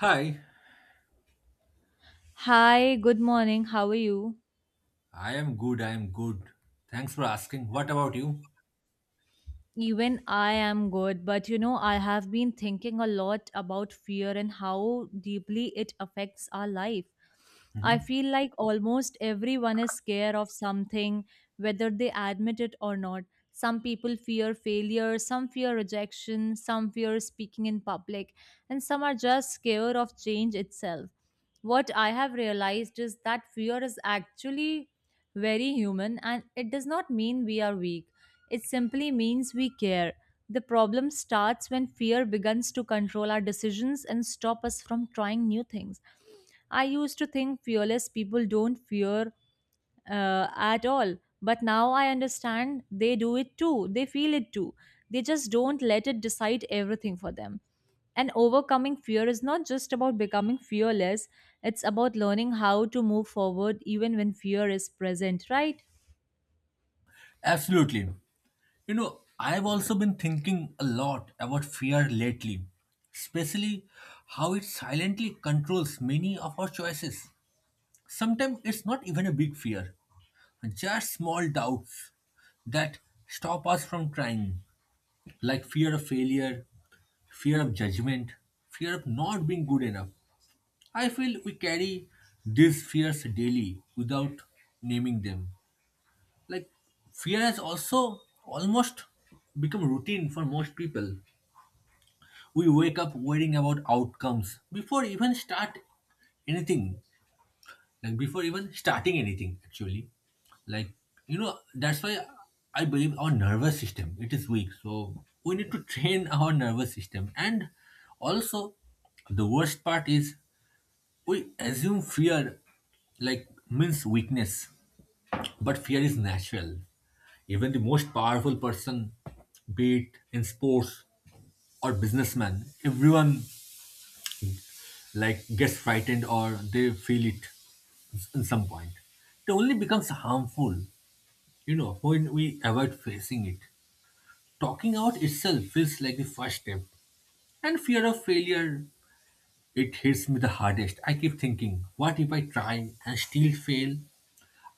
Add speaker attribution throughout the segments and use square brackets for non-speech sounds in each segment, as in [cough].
Speaker 1: Hi,
Speaker 2: Hi, good morning. How are you?
Speaker 1: I am good. I am good. Thanks for asking. What about you?
Speaker 2: Even I am good, but you know, I have been thinking a lot about fear and how deeply it affects our life. I
Speaker 1: Mhm.
Speaker 2: feel like almost everyone is scared of something, whether they admit it or not. Some people fear failure, some fear rejection, some fear speaking in public, and some are just scared of change itself. What I have realized is that fear is actually very human, and it does not mean we are weak, it simply means we care. The problem starts when fear begins to control our decisions and stop us from trying new things. I used to think fearless people don't fear at all, but now I understand they do it too. They feel it too. They just don't let it decide everything for them. And overcoming fear is not just about becoming fearless, it's about learning how to move forward even when fear is present, right?
Speaker 1: Absolutely. I've also been thinking a lot about fear lately, especially how it silently controls many of our choices. Sometimes it's not even a big fear, just small doubts that stop us from trying, like fear of failure, fear of judgment, fear of not being good enough. I feel we carry these fears daily without naming them. Like, fear has also almost become routine for most people. We wake up worrying about outcomes before even start anything, like before even starting anything, actually. Like, that's why I believe our nervous system, it is weak. So we need to train our nervous system. And also, the worst part is we assume fear like means weakness, but fear is natural. Even the most powerful person, be it in sports or businessman, everyone like gets frightened or they feel it in some point. It only becomes harmful, when we avoid facing it. Talking out itself feels like the first step. And fear of failure, it hits me the hardest. I keep thinking, what if I try and still fail?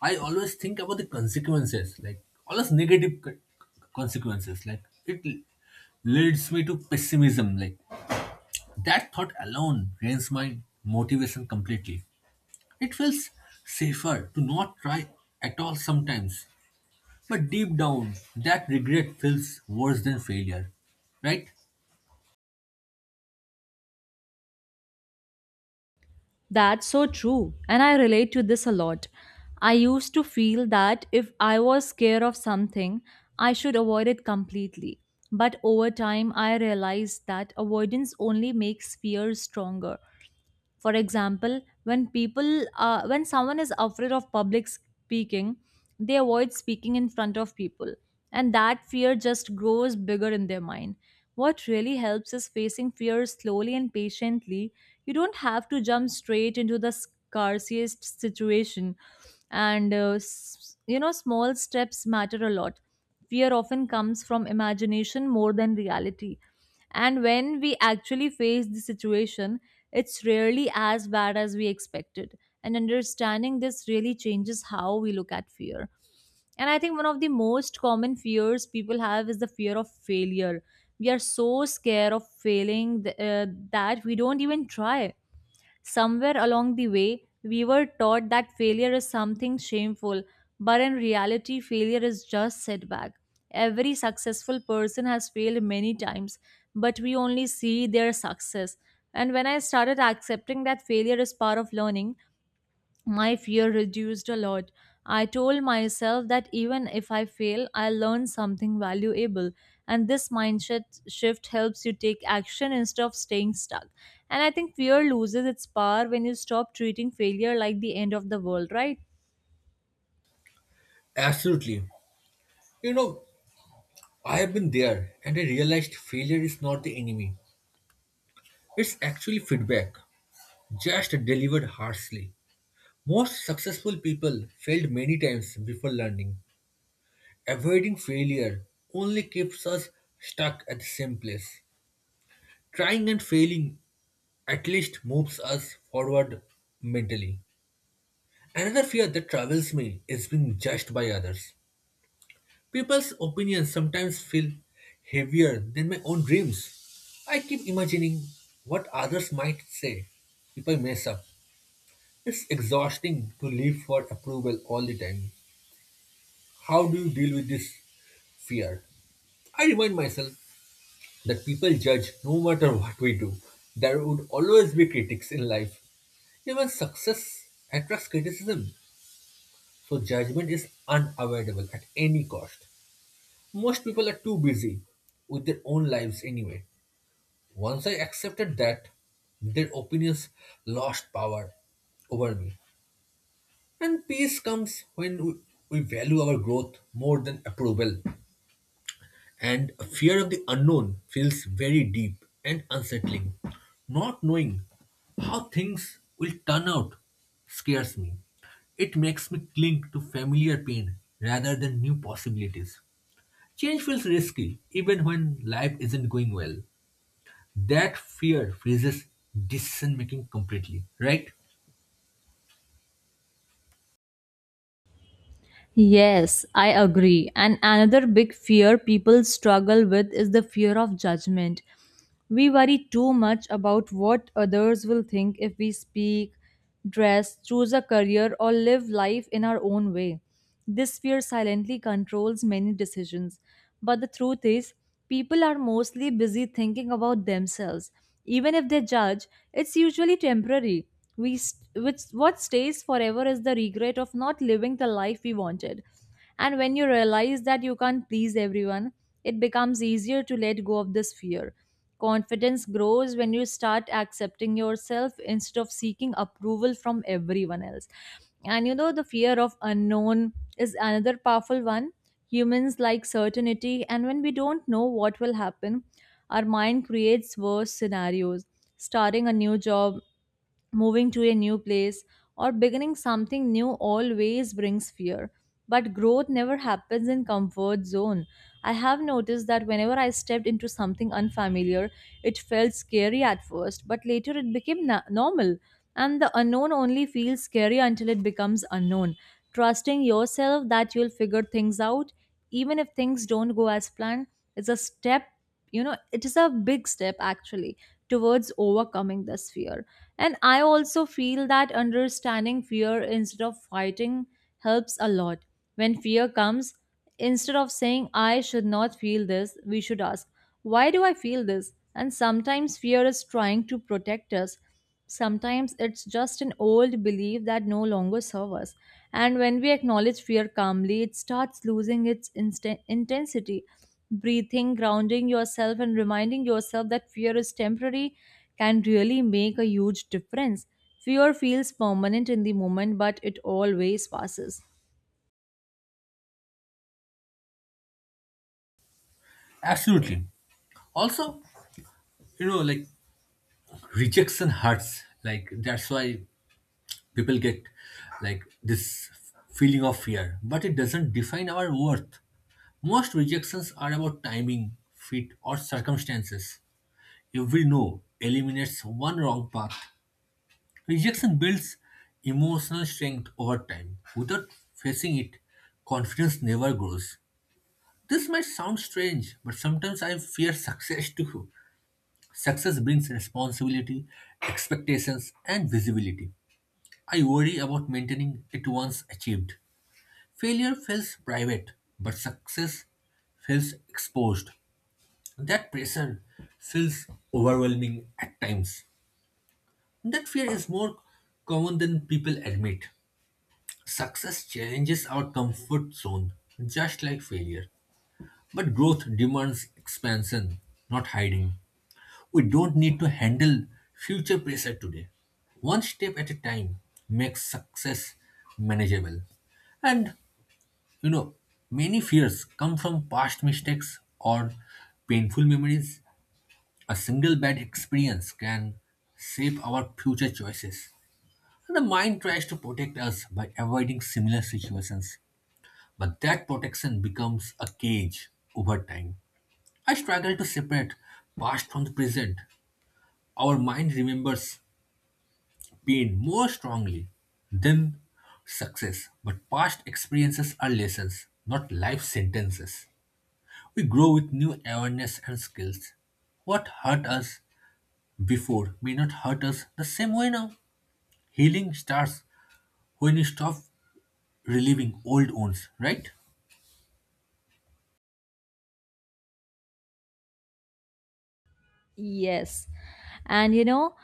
Speaker 1: I always think about the consequences, like always negative consequences. Like it leads me to pessimism. Like that thought alone drains my motivation completely. It feels safer to not try at all sometimes, but deep down, that regret feels worse than failure, right?
Speaker 2: That's so true, and I relate to this a lot. I used to feel that if I was scared of something, I should avoid it completely. But over time, I realized that avoidance only makes fear stronger. For example, when people when someone is afraid of public speaking, they avoid speaking in front of people, and that fear just grows bigger in their mind. What really helps is facing fear slowly and patiently. You don't have to jump straight into the scarcest situation, and you know, small steps matter a lot. Fear often comes from imagination more than reality, and when we actually face the situation, it's rarely as bad as we expected. And understanding this really changes how we look at fear. And I think one of the most common fears people have is the fear of failure. We are so scared of failing that we don't even try. Somewhere along the way, we were taught that failure is something shameful, but in reality, failure is just setback. Every successful person has failed many times, but we only see their success. And when I started accepting that failure is part of learning, my fear reduced a lot. I told myself that even if I fail, I'll learn something valuable. And this mindset shift helps you take action instead of staying stuck. And I think fear loses its power when you stop treating failure like the end of the world, right?
Speaker 1: Absolutely. You know, I have been there and I realized failure is not the enemy. It's actually feedback, just delivered harshly. Most successful people failed many times before learning. Avoiding failure only keeps us stuck at the same place. Trying and failing at least moves us forward mentally. Another fear that travels me is being judged by others. People's opinions sometimes feel heavier than my own dreams. I keep imagining what others might say if I mess up. It's exhausting to live for approval all the time. How do you deal with this fear? I remind myself that people judge no matter what we do. There would always be critics in life. Even success attracts criticism, so judgment is unavoidable at any cost. Most people are too busy with their own lives anyway. Once I accepted that, their opinions lost power over me. And peace comes when we value our growth more than approval. And fear of the unknown feels very deep and unsettling. Not knowing how things will turn out scares me. It makes me cling to familiar pain rather than new possibilities. Change feels risky even when life isn't going well. That fear freezes decision making completely, right?
Speaker 2: Yes, I agree. And another big fear people struggle with is the fear of judgment. We worry too much about what others will think if we speak, dress, choose a career, or live life in our own way. This fear silently controls many decisions. But the truth is, people are mostly busy thinking about themselves. Even if they judge, it's usually temporary. Which what stays forever is the regret of not living the life we wanted. And when you realize that you can't please everyone, it becomes easier to let go of this fear. Confidence grows when you start accepting yourself instead of seeking approval from everyone else. And you know, the fear of unknown is another powerful one. Humans like certainty, and when we don't know what will happen, our mind creates worse scenarios. Starting a new job, moving to a new place, or beginning something new always brings fear, but growth never happens in comfort zone. I have noticed that whenever I stepped into something unfamiliar, it felt scary at first, but later it became normal. And the unknown only feels scary until it becomes unknown. Trusting yourself that you'll figure things out, even if things don't go as planned, is a step, you know, it is a big step actually, towards overcoming this fear. And I also feel that understanding fear instead of fighting helps a lot. When fear comes, instead of saying, I should not feel this, we should ask, why do I feel this? And sometimes fear is trying to protect us. Sometimes it's just an old belief that no longer serves us. And when we acknowledge fear calmly, it starts losing its intensity. Breathing, grounding yourself, and reminding yourself that fear is temporary can really make a huge difference. Fear feels permanent in the moment, but it always passes.
Speaker 1: Absolutely. Also, like rejection hurts. Like that's why people get like this feeling of fear, but it doesn't define our worth. Most rejections are about timing, fit, or circumstances. Every no eliminates one wrong path. Rejection builds emotional strength over time. Without facing it, confidence never grows. This might sound strange, but sometimes I fear success too. Success brings responsibility, expectations, and visibility. I worry about maintaining it once achieved. Failure feels private, but success feels exposed. That pressure feels overwhelming at times. That fear is more common than people admit. Success challenges our comfort zone, just like failure. But growth demands expansion, not hiding. We don't need to handle future pressure today. One step at a time makes success manageable. And You know, many fears come from past mistakes or painful memories. A single bad experience can shape our future choices. And the mind tries to protect us by avoiding similar situations, but that protection becomes a cage over time. I struggle to separate past from the present. Our mind remembers pain more strongly than success, but past experiences are lessons, not life sentences. We grow with new awareness and skills. What hurt us before may not hurt us the same way now. Healing starts when we stop reliving old wounds, right?
Speaker 2: Yes. And you know,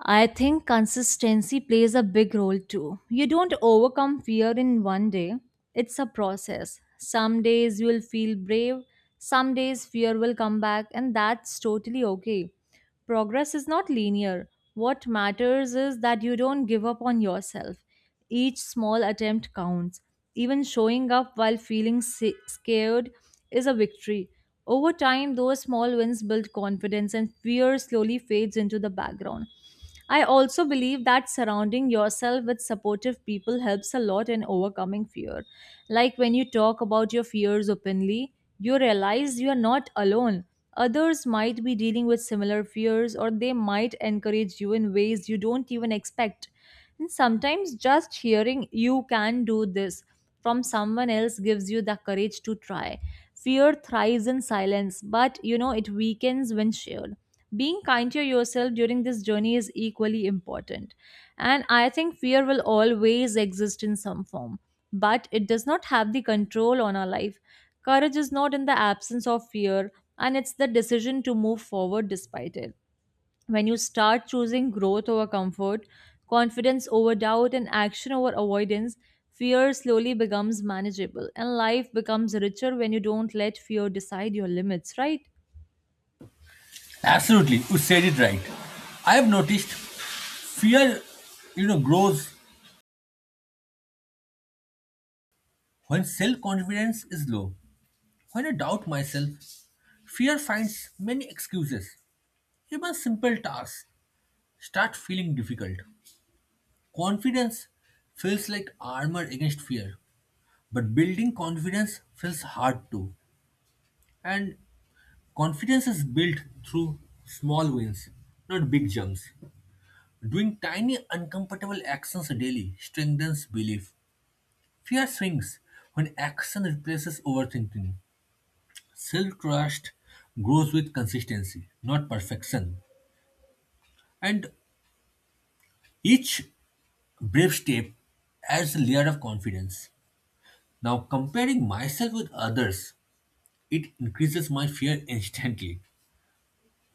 Speaker 2: I think consistency plays a big role too. You don't overcome fear in one day, it's a process. Some days you will feel brave, some days fear will come back, and that's totally okay. Progress is not linear. What matters is that you don't give up on yourself. Each small attempt counts. Even showing up while feeling scared is a victory. Over time, those small wins build confidence, and fear slowly fades into the background. I also believe that surrounding yourself with supportive people helps a lot in overcoming fear. Like, when you talk about your fears openly, you realize you are not alone. Others might be dealing with similar fears, or they might encourage you in ways you don't even expect. And sometimes just hearing you can do this from someone else gives you the courage to try. Fear thrives in silence, but you know, it weakens when shared. Being kind to yourself during this journey is equally important. And I think fear will always exist in some form, but it does not have the control on our life. Courage is not in the absence of fear, and it's the decision to move forward despite it. When you start choosing growth over comfort, confidence over doubt, and action over avoidance, fear slowly becomes manageable, and life becomes richer when you don't let fear decide your limits, right?
Speaker 1: Absolutely, you said it right. I have noticed fear grows when self-confidence is low. When I doubt myself, fear finds many excuses. Even simple tasks start feeling difficult. Confidence feels like armor against fear. But building confidence feels hard too. And confidence is built through small wins, not big jumps. Doing tiny uncomfortable actions daily strengthens belief. Fear shrinks when action replaces overthinking. Self trust grows with consistency, not perfection. And each brave step adds a layer of confidence. Now, comparing myself with others, it increases my fear instantly.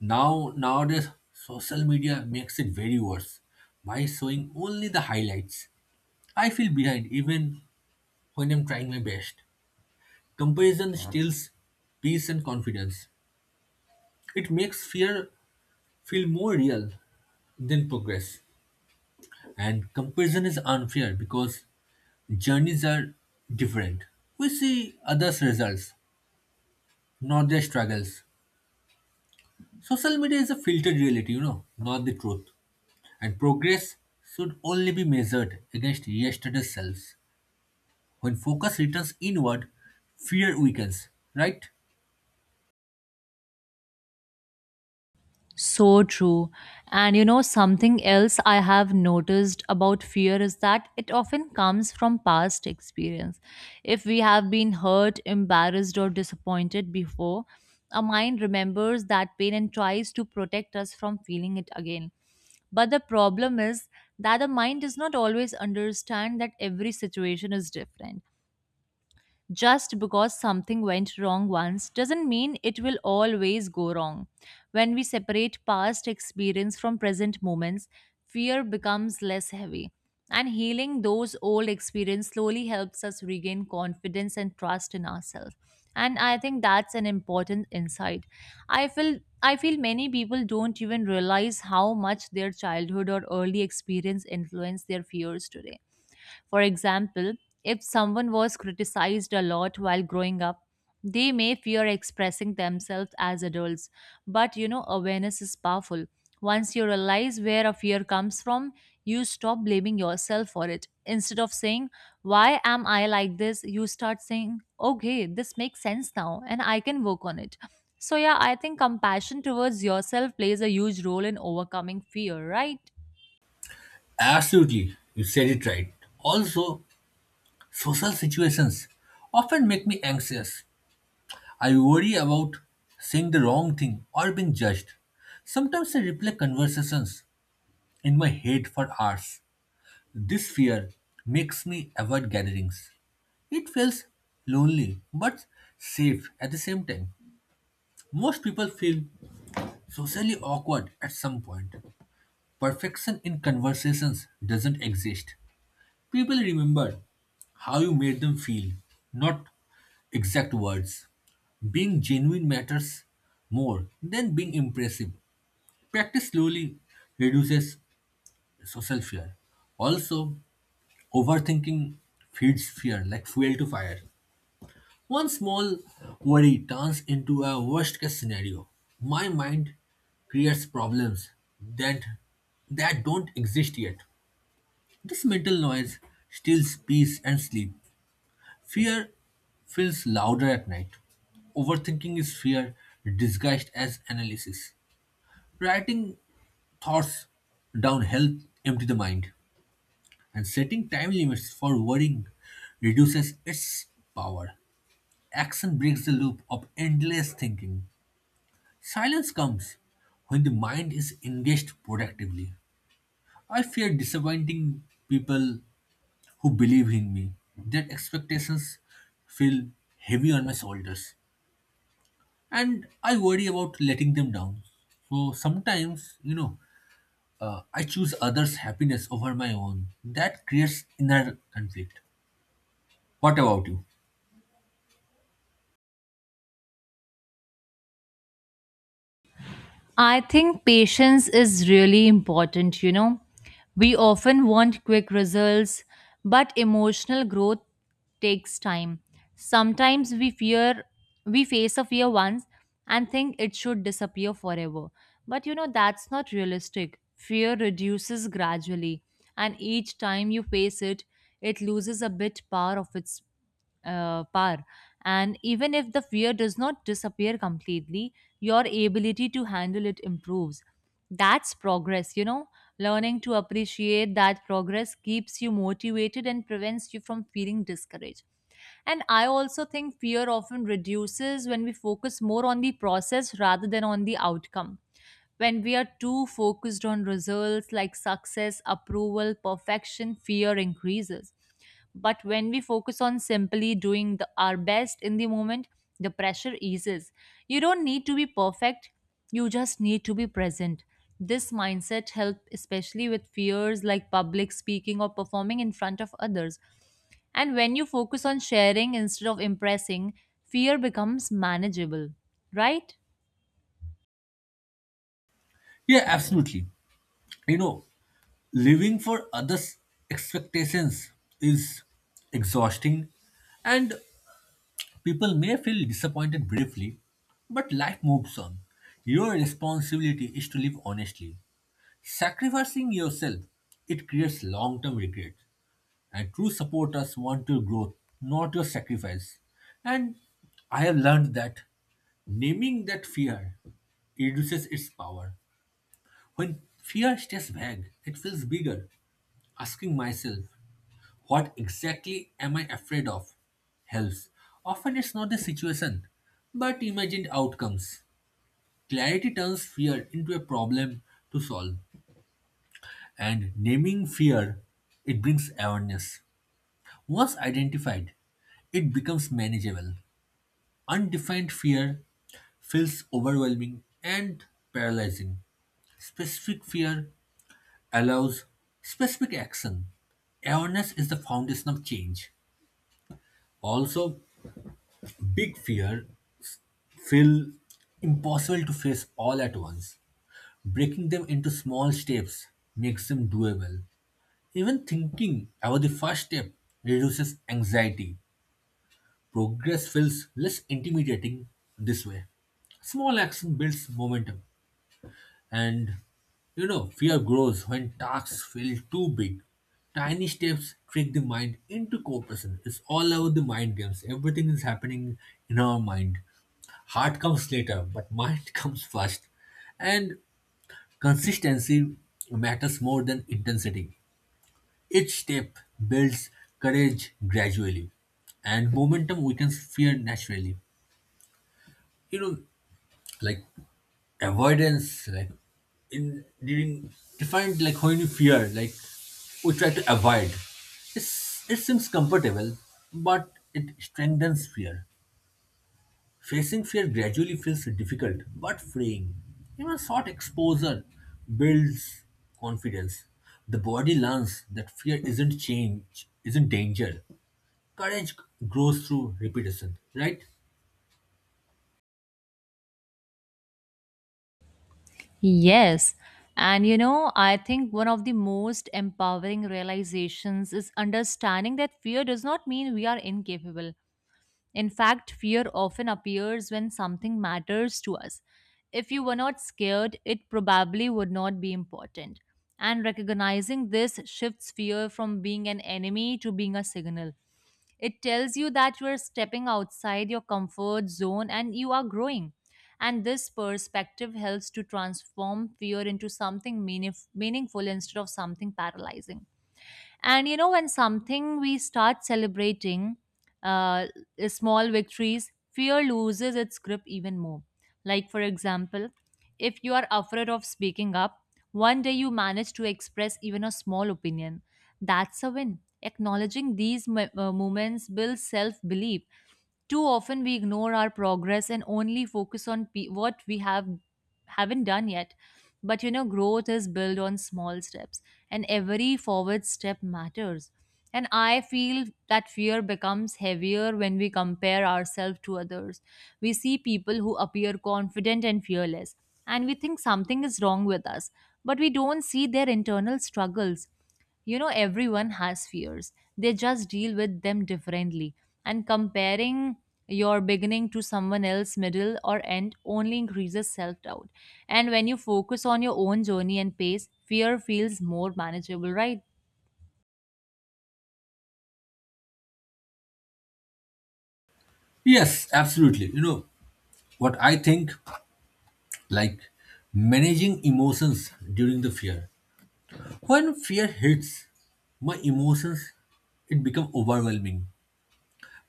Speaker 1: Now nowadays social media makes it very worse by showing only the highlights. I feel behind even when I'm trying my best. Comparison steals peace and confidence. It makes fear feel more real than progress. And comparison is unfair because journeys are different. We see others' results, not their struggles. Social media is a filtered reality, not the truth. And progress should only be measured against yesterday's selves. When focus returns inward, fear weakens, right?
Speaker 2: So true. And you know, something else I have noticed about fear is that it often comes from past experience. If we have been hurt, embarrassed, or disappointed before, our mind remembers that pain and tries to protect us from feeling it again. But the problem is that the mind does not always understand that every situation is different. Just because something went wrong once doesn't mean it will always go wrong. When we separate past experience from present moments, fear becomes less heavy. And healing those old experiences slowly helps us regain confidence and trust in ourselves. And I think that's an important insight. I feel many people don't even realize how much their childhood or early experience influence their fears today. For example, if someone was criticized a lot while growing up, they may fear expressing themselves as adults. But you know, awareness is powerful. Once you realize where a fear comes from, you stop blaming yourself for it. Instead of saying, why am I like this? You start saying, okay, this makes sense now, and I can work on it. So, yeah, I think compassion towards yourself plays a huge role in overcoming fear, right?
Speaker 1: Absolutely, you said it right. Also, social situations often make me anxious. I worry about saying the wrong thing or being judged. Sometimes I replay conversations in my head for hours. This fear makes me avoid gatherings. It feels lonely but safe at the same time. Most people feel socially awkward at some point. Perfection in conversations doesn't exist. People remember how you made them feel, not exact words. Being genuine matters more than being impressive. Practice slowly reduces social fear. Also, overthinking feeds fear like fuel to fire. One small worry turns into a worst case scenario. My mind creates problems that, that don't exist yet. This mental noise steals peace and sleep. Fear feels louder at night. Overthinking is fear disguised as analysis. Writing thoughts down helps empty the mind, and setting time limits for worrying reduces its power. Action breaks the loop of endless thinking. Silence comes when the mind is engaged productively. I fear disappointing people who believe in me. Their expectations feel heavy on my shoulders, and I worry about letting them down. So sometimes, I choose others' happiness over my own. That creates inner conflict. What about you?
Speaker 2: I think patience is really important, you know. We often want quick results, but emotional growth takes time. Sometimes we face a fear once and think it should disappear forever. But you know, that's not realistic. Fear reduces gradually, and each time you face it, it loses a bit power of its par. And even if the fear does not disappear completely, your ability to handle it improves. That's progress, you know. Learning to appreciate that progress keeps you motivated and prevents you from feeling discouraged. And I also think fear often reduces when we focus more on the process rather than on the outcome. When we are too focused on results like success, approval, perfection, fear increases. But when we focus on simply our best in the moment, the pressure eases. You don't need to be perfect, you just need to be present. This mindset helps especially with fears like public speaking or performing in front of others. And when you focus on sharing instead of impressing, fear becomes manageable, right?
Speaker 1: Yeah, absolutely. You know, Living for others' expectations is exhausting, and people may feel disappointed briefly, but life moves on. Your responsibility is to live honestly. Sacrificing yourself, it creates long term regret, and true supporters want your growth, not your sacrifice. And I have learned that naming that fear reduces its power. When fear stays vague, it feels bigger. Asking myself, what exactly am I afraid of? Helps. Often it's not the situation, but imagined outcomes. Clarity turns fear into a problem to solve, and naming fear, it brings awareness. Once identified, it becomes manageable. Undefined fear feels overwhelming and paralyzing. Specific fear allows specific action. Awareness is the foundation of change. Also, big fear feel impossible to face all at once. Breaking them into small steps makes them doable. Even thinking about the first step reduces anxiety. Progress feels less intimidating this way. Small action builds momentum, and fear grows when tasks feel too big. Tiny steps trick the mind into cooperation. It's all about the mind games. Everything is happening in our mind. Heart comes later, but mind [laughs] comes first. And consistency matters more than intensity. Each step builds courage gradually, and momentum weakens fear naturally. You know, like avoidance, like in during defined like when you fear, like we try to avoid. It seems comfortable, but it strengthens fear. Facing fear gradually feels difficult but freeing. Even short exposure builds confidence. The body learns that fear isn't change, isn't danger. Courage grows through repetition, right?
Speaker 2: Yes. And you know, I think one of the most empowering realizations is understanding that fear does not mean we are incapable. In fact, fear often appears when something matters to us. If you were not scared, it probably would not be important. And recognizing this shifts fear from being an enemy to being a signal. It tells you that you are stepping outside your comfort zone and you are growing. And this perspective helps to transform fear into something meaningful instead of something paralyzing. And you know, when something we start celebrating uh, small victories, fear loses its grip even more. Like, for example, if you are afraid of speaking up, one day you manage to express even a small opinion. That's a win. Acknowledging these moments builds self belief. Too often we ignore our progress and only focus on what we haven't done yet. But you know, growth is built on small steps, and every forward step matters. And I feel that fear becomes heavier when we compare ourselves to others. We see people who appear confident and fearless, and we think something is wrong with us, but we don't see their internal struggles. You know, everyone has fears, they just deal with them differently. And comparing your beginning to someone else's middle or end only increases self doubt. And when you focus on your own journey and pace, fear feels more manageable, right?
Speaker 1: Yes, absolutely. You know what I think? Like managing emotions during the fear. When fear hits, my emotions it becomes overwhelming.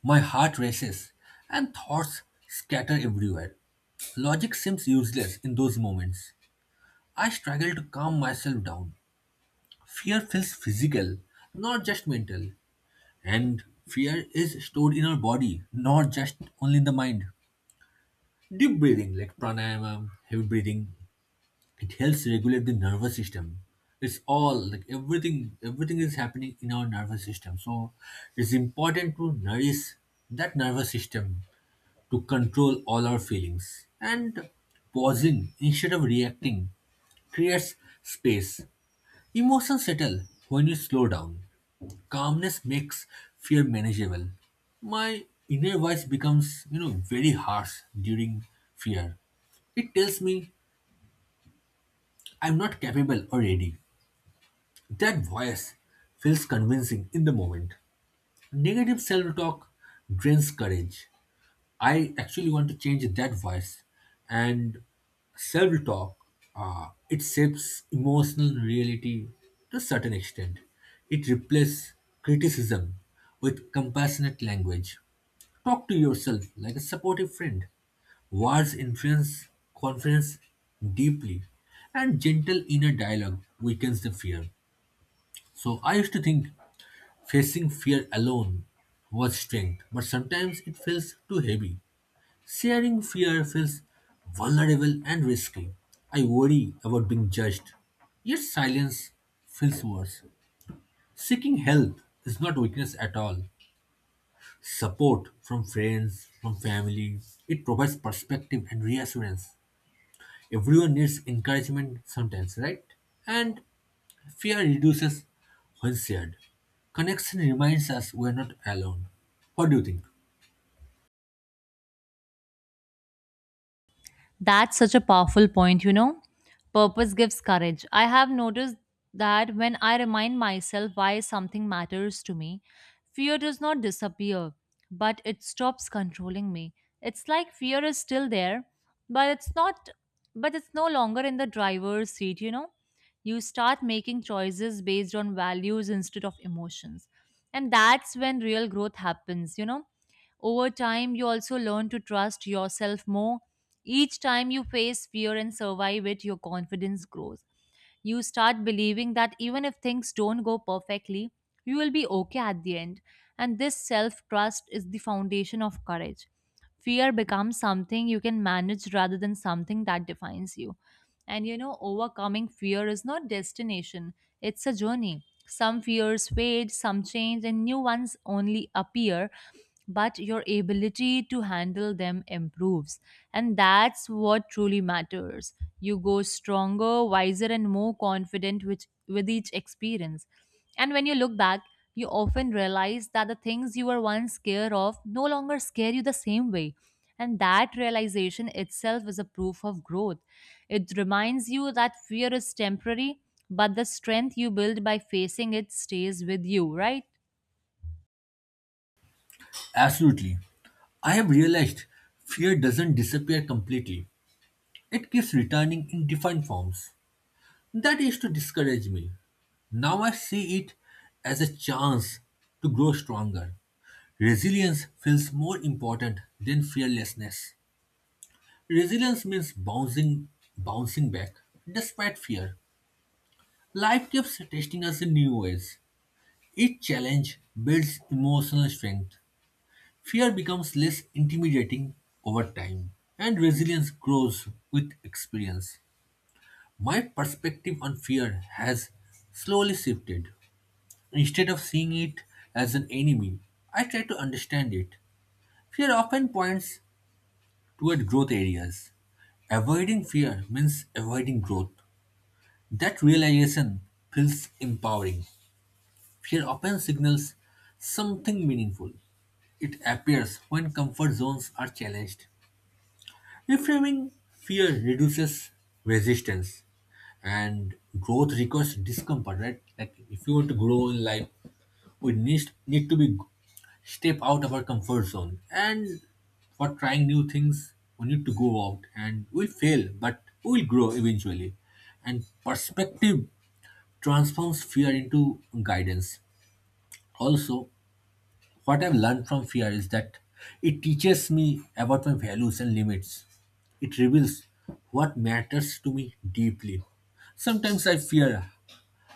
Speaker 1: My heart races and thoughts scatter everywhere. Logic seems useless in those moments. I struggle to calm myself down. Fear feels physical, not just mental. And fear is stored in our body, not just only in the mind. Deep breathing, like pranayama, heavy breathing, it helps regulate the nervous system. It's all like everything, everything is happening in our nervous system. So it's important to nourish that nervous system to control all our feelings. And pausing instead of reacting creates space. Emotions settle when you slow down. Calmness makes fear manageable. My inner voice becomes very harsh during fear. It tells me I'm not capable or ready. That voice feels convincing in the moment. Negative self talk drains courage. I actually want to change that voice and self talk. It shapes emotional reality to a certain extent. It replaces criticism with compassionate language. Talk to yourself like a supportive friend. Words influence confidence deeply, and gentle inner dialogue weakens the fear. So, I used to think facing fear alone was strength, but sometimes it feels too heavy. Sharing fear feels vulnerable and risky. I worry about being judged. Yet silence feels worse. Seeking help is not weakness at all. Support from friends, from family, it provides perspective and reassurance. Everyone needs encouragement sometimes, right? And fear reduces when shared. Connection reminds us we're not alone. What do you think?
Speaker 2: That's such a powerful point, you know. Purpose gives courage. I have noticed that when I remind myself why something matters to me, fear does not disappear, but it stops controlling me. It's like fear is still there, but it's not but it's no longer in the driver's seat, you know. You start making choices based on values instead of emotions. And that's when real growth happens, you know. Over time, you also learn to trust yourself more. Each time you face fear and survive it, your confidence grows. You start believing that even if things don't go perfectly, you will be okay at the end. And this self trust is the foundation of courage. Fear becomes something you can manage rather than something that defines you. And you know, overcoming fear is not destination, it's a journey. Some fears fade, some change, and new ones only appear, but your ability to handle them improves. And that's what truly matters. You go stronger, wiser, and more confident with each experience. And when you look back, you often realize that the things you were once scared of no longer scare you the same way, and that realization itself is a proof of growth. It reminds you that fear is temporary, but the strength you build by facing it stays with you, right?
Speaker 1: Absolutely. I have realized fear doesn't disappear completely. It keeps returning in different forms. That used to discourage me. Now I see it as a chance to grow stronger. Resilience feels more important than fearlessness. Resilience means bouncing back despite fear. Life keeps testing us in new ways. Each challenge builds emotional strength. Fear becomes less intimidating over time, and resilience grows with experience. My perspective on fear has slowly shifted. Instead of seeing it as an enemy, I try to understand it. Fear often points toward growth areas. Avoiding fear means avoiding growth. That realization feels empowering. Fear often signals something meaningful. It appears when comfort zones are challenged. Reframing fear reduces resistance and growth requires discomfort, right? Like if you want to grow in life, we need to be step out of our comfort zone. And for trying new things, we need to go out and we'll fail, but we'll grow eventually. And perspective transforms fear into guidance. Also, what I've learned from fear is that it teaches me about my values and limits. It reveals what matters to me deeply. Sometimes I fear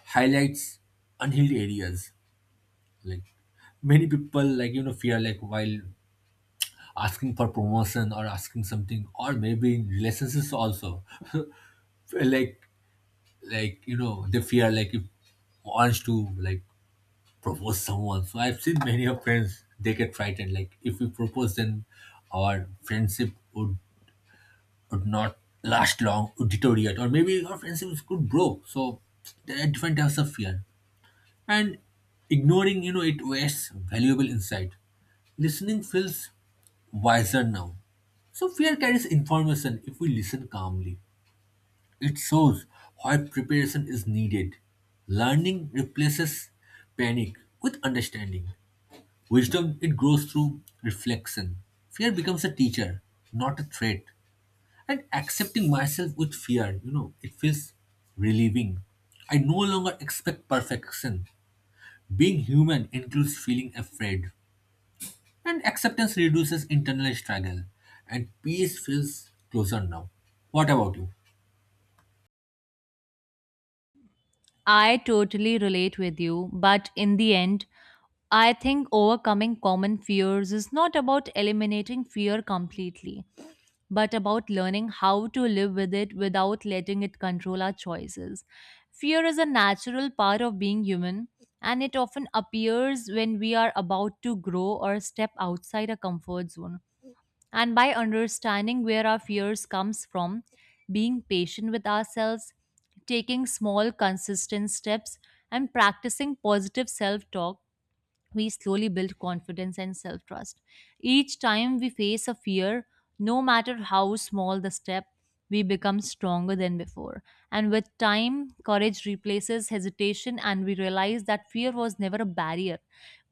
Speaker 1: highlights unhealed areas. Like many people like fear like while asking for promotion or asking something or maybe in relationships also [laughs] like like they fear like if wants to like propose someone. So I've seen many of friends they get frightened. Like if we propose, then our friendship would not last long, would deteriorate, or maybe our friendship could broke. So there are different types of fear, and ignoring it wastes valuable insight. Listening feels wiser now. So fear carries information if we listen calmly. It shows why preparation is needed. Learning replaces panic with understanding. Wisdom, it grows through reflection. Fear becomes a teacher, not a threat. And accepting myself with fear, it feels relieving. I no longer expect perfection. Being human includes feeling afraid. And acceptance reduces internal struggle. And peace feels closer now. What about you?
Speaker 2: I totally relate with you, but in the end, I think overcoming common fears is not about eliminating fear completely, but about learning how to live with it without letting it control our choices. Fear is a natural part of being human, and it often appears when we are about to grow or step outside a comfort zone. And by understanding where our fears comes from, being patient with ourselves, taking small consistent steps, and practicing positive self-talk, we slowly build confidence and self trust. Each time we face a fear, no matter how small the step, we become stronger than before. And with time, courage replaces hesitation, and we realize that fear was never a barrier,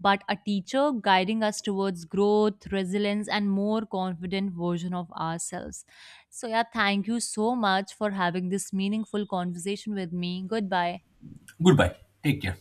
Speaker 2: but a teacher guiding us towards growth, resilience, and more confident version of ourselves. So, yeah, thank you so much for having this meaningful conversation with me. Goodbye.
Speaker 1: Goodbye. Take care.